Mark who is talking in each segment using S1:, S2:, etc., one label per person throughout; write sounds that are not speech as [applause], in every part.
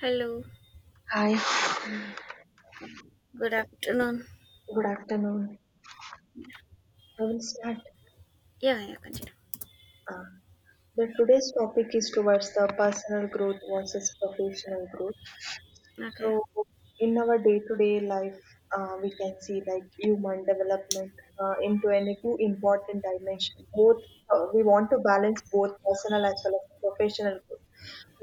S1: Hello,
S2: Hi,
S1: good afternoon.
S2: good afternoon. I will start.
S1: Yeah, yeah, continue.
S2: Uh, the today's topic is towards the personal growth versus professional growth. So,
S1: Okay.
S2: in our day-to-day life, we can see like human development into any two important dimensions. Both We want to balance both personal as well as professional growth.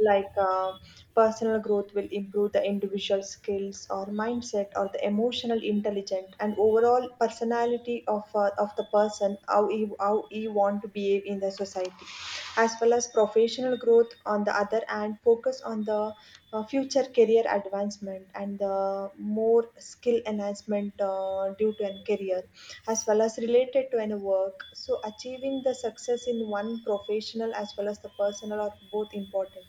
S2: Like uh, Personal growth will improve the individual skills or mindset or the emotional intelligence and overall personality of the person how he want to behave in the society, as well as professional growth on the other hand focus on the future career advancement and the more skill enhancement due to a career as well as related to any work, so achieving the success in one professional as well as the personal are both important,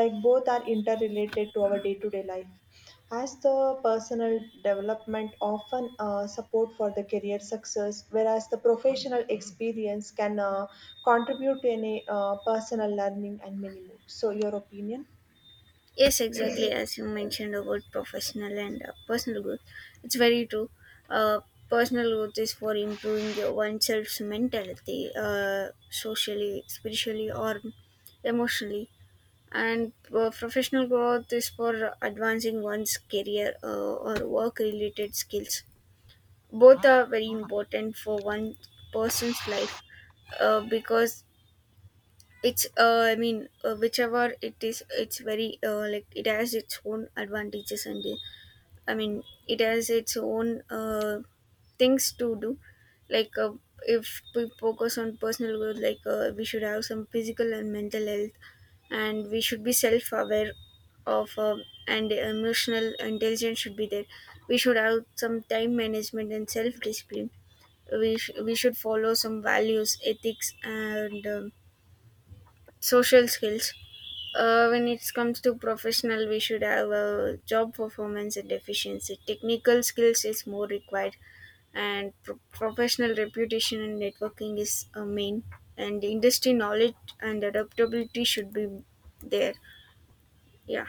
S2: like both are interrelated to our day-to-day life as the personal development often support for the career success, whereas the professional experience can contribute to any personal learning and many more. So your opinion.
S1: Yes, exactly as you mentioned about professional and personal growth. It's very true. Uh, Personal growth is for improving oneself's mentality, socially, spiritually, or emotionally. And professional growth is for advancing one's career or work related skills. Both are very important for one person's life because it's I mean whichever it is it's very like it has its own advantages and i mean it has its own things to do, like if we focus on personal growth, like we should have some physical and mental health, and we should be self aware of, and emotional intelligence should be there. We should have some time management and self discipline. We should follow some values, ethics, and social skills. When it comes to professional, we should have a job performance and efficiency. Technical skills is more required, and professional reputation and networking is a main, and industry knowledge and adaptability should be there. Yeah.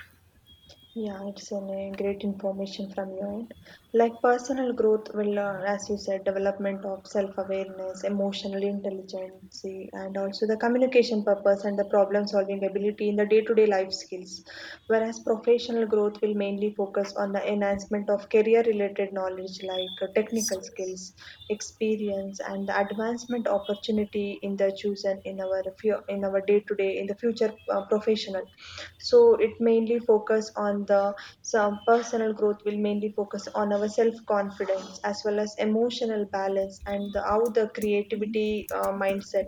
S2: Yeah, it's an, great information from your end. Like personal growth will, as you said, development of self-awareness, emotional intelligence, and also the communication purpose and the problem-solving ability in the day-to-day life skills. Whereas professional growth will mainly focus on the enhancement of career-related knowledge like
S1: Yes.
S2: technical skills, experience, and the advancement opportunity in the chosen in our few, in our day-to-day in the future professional, so it mainly focus on the some personal growth will mainly focus on our self confidence as well as emotional balance and the, how the creativity mindset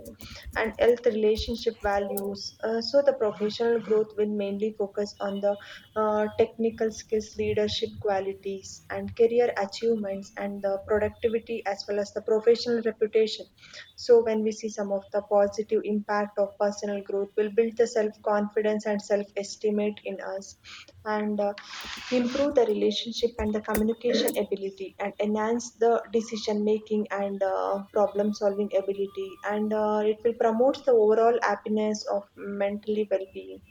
S2: and health relationship values. So the professional growth will mainly focus on the technical skills, leadership qualities and career achievements and the productivity as well as the professional reputation. So when we see some of the positive impact of personal growth will build the self-confidence and self-estimate in us, and improve the relationship and the communication [clears throat] ability, and enhance the decision making and problem solving ability, and it will promote the overall happiness of mentally well-being.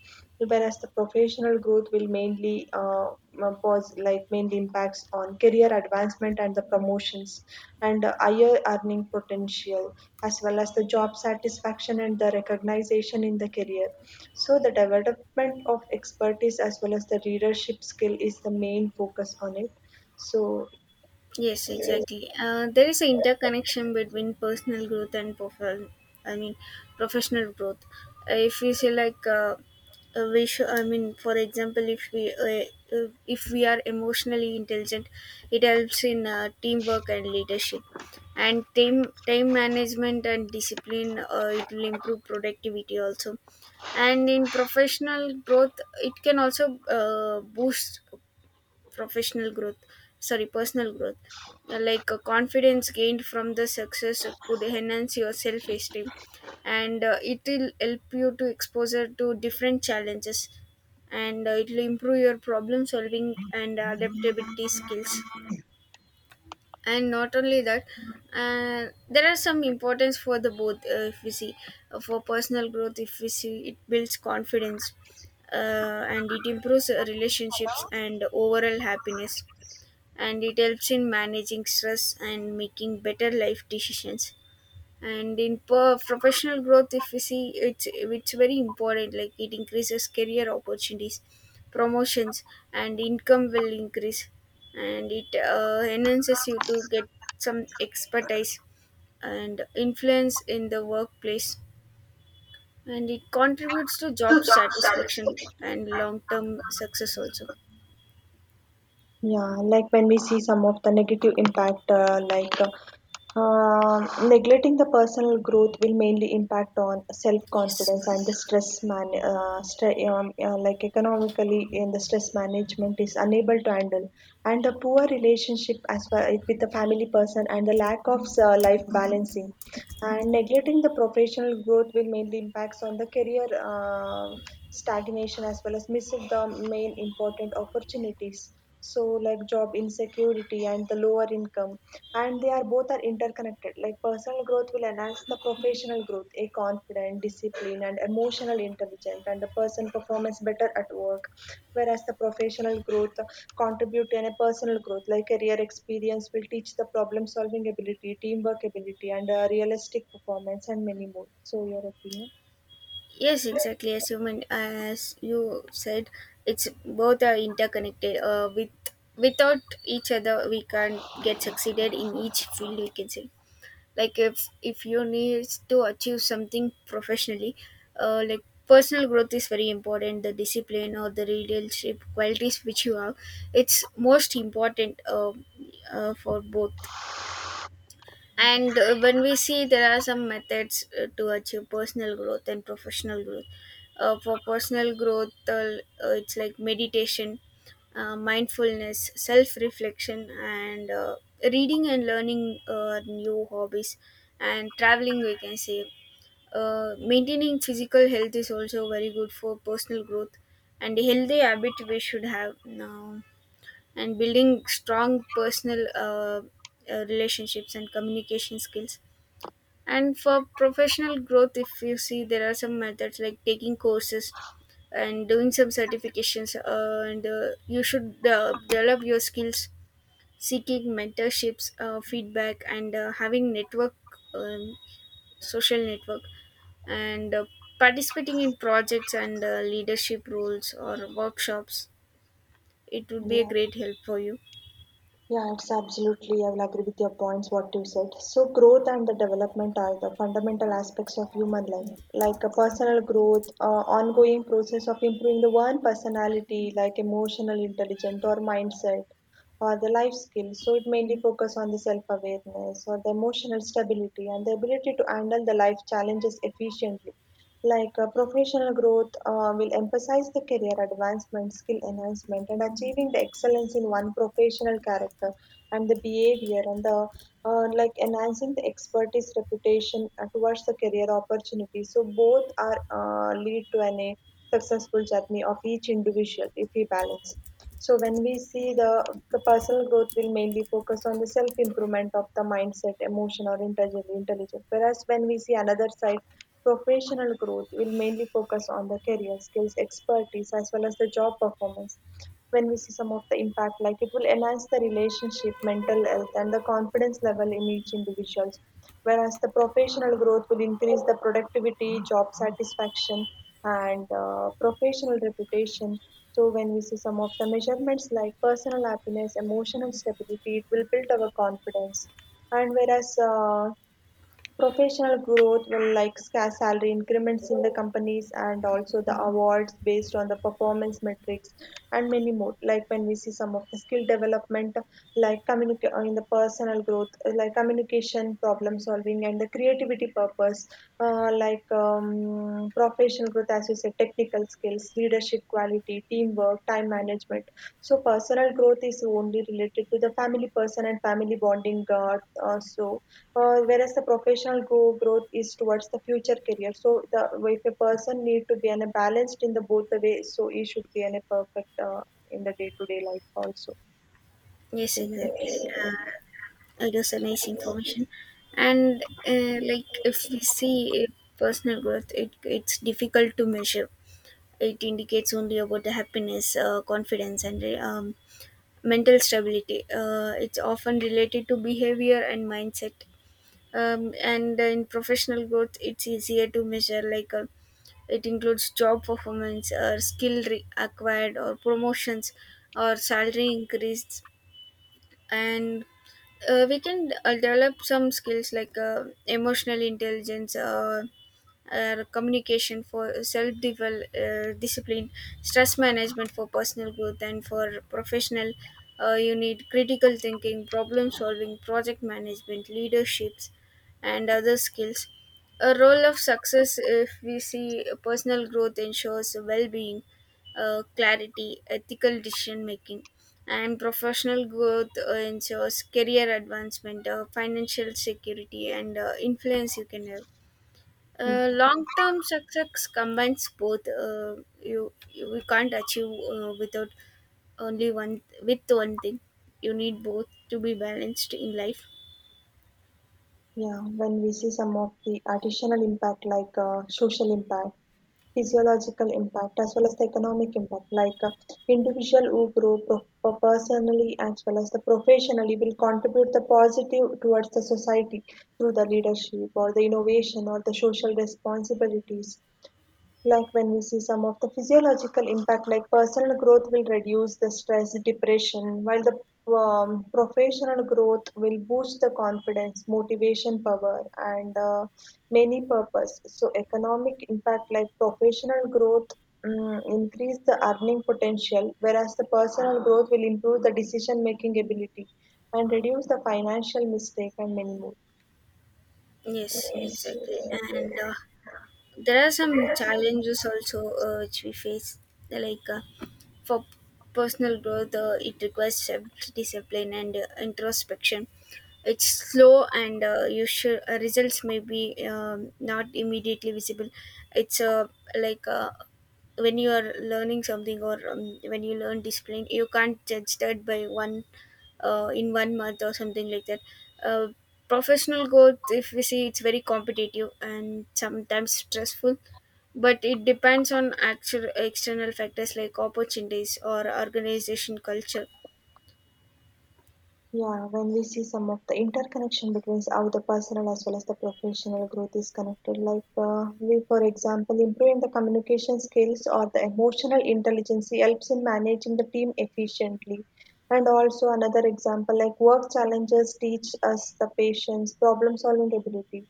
S2: Whereas the professional growth will mainly like mainly impacts on career advancement and the promotions and higher earning potential as well as the job satisfaction and the recognition in the career. So the development of expertise as well as the leadership skill is the main focus on it. So,
S1: Yes, exactly. There is an interconnection between personal growth and I mean, professional growth. If we say like, we should, I mean, for example, if we are emotionally intelligent, it helps in teamwork and leadership, and time management and discipline. It will improve productivity also, and in professional growth, it can also boost professional growth sorry personal growth. Like confidence gained from the success could enhance your self-esteem, and it will help you to exposure to different challenges, and it will improve your problem solving and adaptability skills. And not only that, uh, there are some importance for the both. If we see, for personal growth if we see, it builds confidence, and it improves relationships and overall happiness, and it helps in managing stress and making better life decisions. And in professional growth, if we see, it's very important, like it increases career opportunities, promotions, and income will increase, and it enhances you to get some expertise and influence in the workplace, and it contributes to job satisfaction and long term success also.
S2: yeah, like when we see some of the negative impact, neglecting the personal growth will mainly impact on
S1: Yes,
S2: self-confidence and the
S1: complete.
S2: like economically in the stress management is unable to handle, and the poor relationship as well with the family person and the lack of life balancing, and neglecting the professional growth will mainly impacts on the career stagnation as well as missing the main important opportunities, so like job insecurity and the lower income. And they are both are interconnected, like personal growth will enhance the professional growth, a confident, disciplined and emotional intelligent, and the person performs better at work, whereas the professional growth contribute to a personal growth, like career experience will teach the problem solving ability, teamwork ability and realistic performance and many more. So your opinion.
S1: Yes, exactly. As you meant, as you said, it's both are interconnected. With without each other, we can't get succeeded in each field. We can say, like if you need to achieve something professionally, like personal growth is very important. The discipline or the leadership qualities which you have, it's most important. For both.
S2: Yeah.
S1: And when we see, there are some methods to achieve personal growth and professional growth. For personal growth, it's like meditation, mindfulness, self reflection, and reading and learning new hobbies, and traveling, we can say. Maintaining physical health is also very good for personal growth, and a healthy habit we should have now, and building strong personal relationships and communication skills. And for professional growth, if you see, there are some methods like taking courses and doing some certifications, and you should develop your skills, seeking mentorships, feedback, and having network, um, social network, and participating in projects and leadership roles or workshops. It would be a
S2: Yeah.
S1: great help for you.
S2: Yeah, it's absolutely. I will agree with your points, what you said. So, growth and the development are the fundamental aspects of human life, like a personal growth, ongoing process of improving the one personality, like emotional intelligence or mindset, or the life skills. So, it mainly focus on the self awareness or the emotional stability and the ability to handle the life challenges efficiently, professional growth will emphasize the career advancement, skill enhancement, and achieving the excellence in one professional character and the behavior, and the like enhancing the expertise reputation towards the career opportunity. So both are lead to an, a successful journey of each individual if we balance. So when we see the personal growth will mainly focus on the self-improvement of the mindset, emotion or intelligence, intelligence. Whereas when we see another side, professional growth will mainly focus on the career skills, expertise as well as the job performance. When we see some of the impact, like it will enhance the relationship, mental health, and the confidence level in each individuals. Whereas the professional growth will increase the productivity, job satisfaction, and professional reputation. So when we see some of the measurements like personal happiness, emotional stability, it will build our confidence. And whereas professional growth will like salary increments in the companies and also the awards based on the performance metrics and many more. Like when we see some of the skill development, like in the personal growth, like communication, problem solving, and the creativity purpose, professional growth, as you said, technical skills, leadership quality, teamwork, time management. So personal growth is only related to the family person and family bonding. Uh, so Whereas the professional go growth is towards the future career. So the, if a person need to be an, a balanced in the both the way, so he should be an, a perfect in the day to day life also.
S1: Yes,
S2: So
S1: exactly.
S2: yes.
S1: Uh, it is a nice information, and like if we see, personal growth, it's difficult to measure. It indicates only about the happiness, confidence, and mental stability. It's often related to behavior and mindset. And in professional growth, it's easier to measure. Like it includes job performance or skill acquired, or promotions or salary increased. And we can develop some skills, like emotional intelligence, communication, for self discipline, stress management for personal growth. And for professional, you need critical thinking, problem solving, project management, leaderships, and other skills. A role of success if we see, personal growth ensures well-being, clarity, ethical decision making, and professional growth ensures career advancement, financial security, and influence you can have. Long-term success combines both. You we can't achieve without only one, with one thing. You need both to be balanced in life.
S2: Yeah, when we see some of the additional impact like social impact, physiological impact as well as the economic impact, like individual who grow personally as well as the professionally will contribute the positive towards the society through the leadership or the innovation or the social responsibilities. Like when we see some of the physiological impact, like personal growth will reduce the stress depression, while the professional growth will boost the confidence, motivation power and many purpose. So economic impact, like professional growth increase the earning potential, whereas the personal growth will improve the decision making ability and reduce the financial mistake and many more.
S1: Yes, exactly. And there are some challenges also which we face, like for personal growth, it requires self-discipline and introspection. It's slow, and you should results may be not immediately visible. It's like When you are learning something, or when you learn discipline, you can't judge that by one, in one month or something like that. Uh, professional growth, if we see, it's very competitive and sometimes stressful, but it depends on actual external factors like opportunities or organization culture.
S2: Yeah, when we see some of the interconnection between how the personal as well as the professional growth is connected, like we, for example, improving the communication skills or the emotional intelligence helps in managing the team efficiently. And also another example, like work challenges teach us the patience, problem solving ability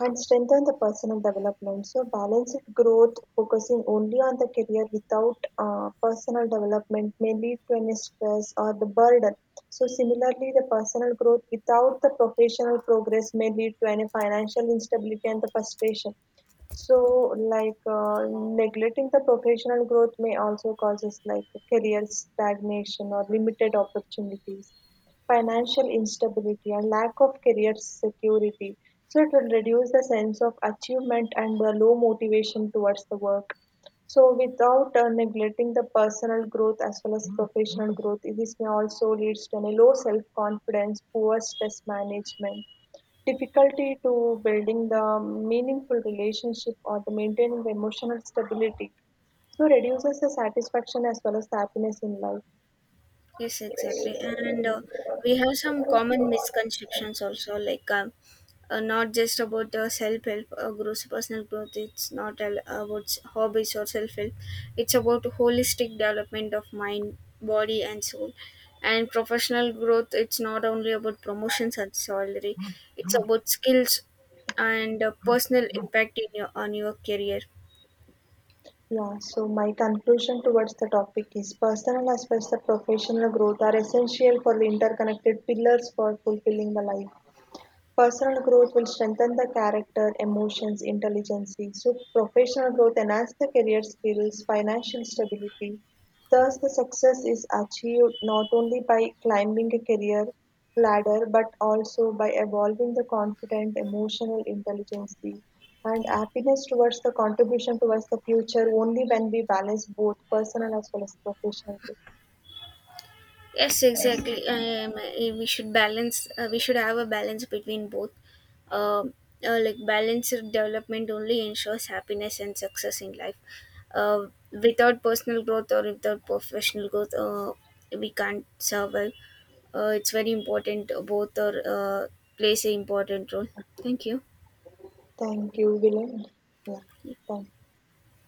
S2: and strengthen the personal development. So balanced growth focusing only on the career without personal development may lead to an stress or the burden. So similarly, the personal growth without the professional progress may lead to any financial instability and the frustration. So, neglecting the professional growth may also causes like career stagnation or limited opportunities, financial instability, and lack of career security. So it will reduce the sense of achievement and the low motivation towards the work. So without neglecting the personal growth as well as professional growth, this may also leads to a low self-confidence, poor stress management, difficulty to building the meaningful relationship or the maintaining the emotional stability. So reduces the satisfaction as well as the happiness in life.
S1: Yes, exactly. And we have some common misconceptions also, like not just about self help. Grows Personal growth, it's not about hobbies or self help. It's about holistic development of mind, body, and soul. And professional growth, it's not only about promotions and salary. It's about skills and personal impact in your on your career.
S2: Yeah, so my conclusion towards the topic is personal as well as the professional growth are essential for the interconnected pillars for fulfilling the life. Personal growth will strengthen the character, emotions, intelligence. So professional growth enhances the career skills, financial stability. Thus, the success is achieved not only by climbing a career ladder but also by evolving the confident, emotional intelligence and happiness towards the contribution towards the future only when we balance both personal as well as professional growth.
S1: Yes, exactly. We should balance. We should have a balance between both. Um, like balanced development only ensures happiness and success in life. Without personal growth or without professional growth, we can't survive. It's very important. Both are plays an important role. Thank you.
S2: Thank you, William. Yeah, thank you.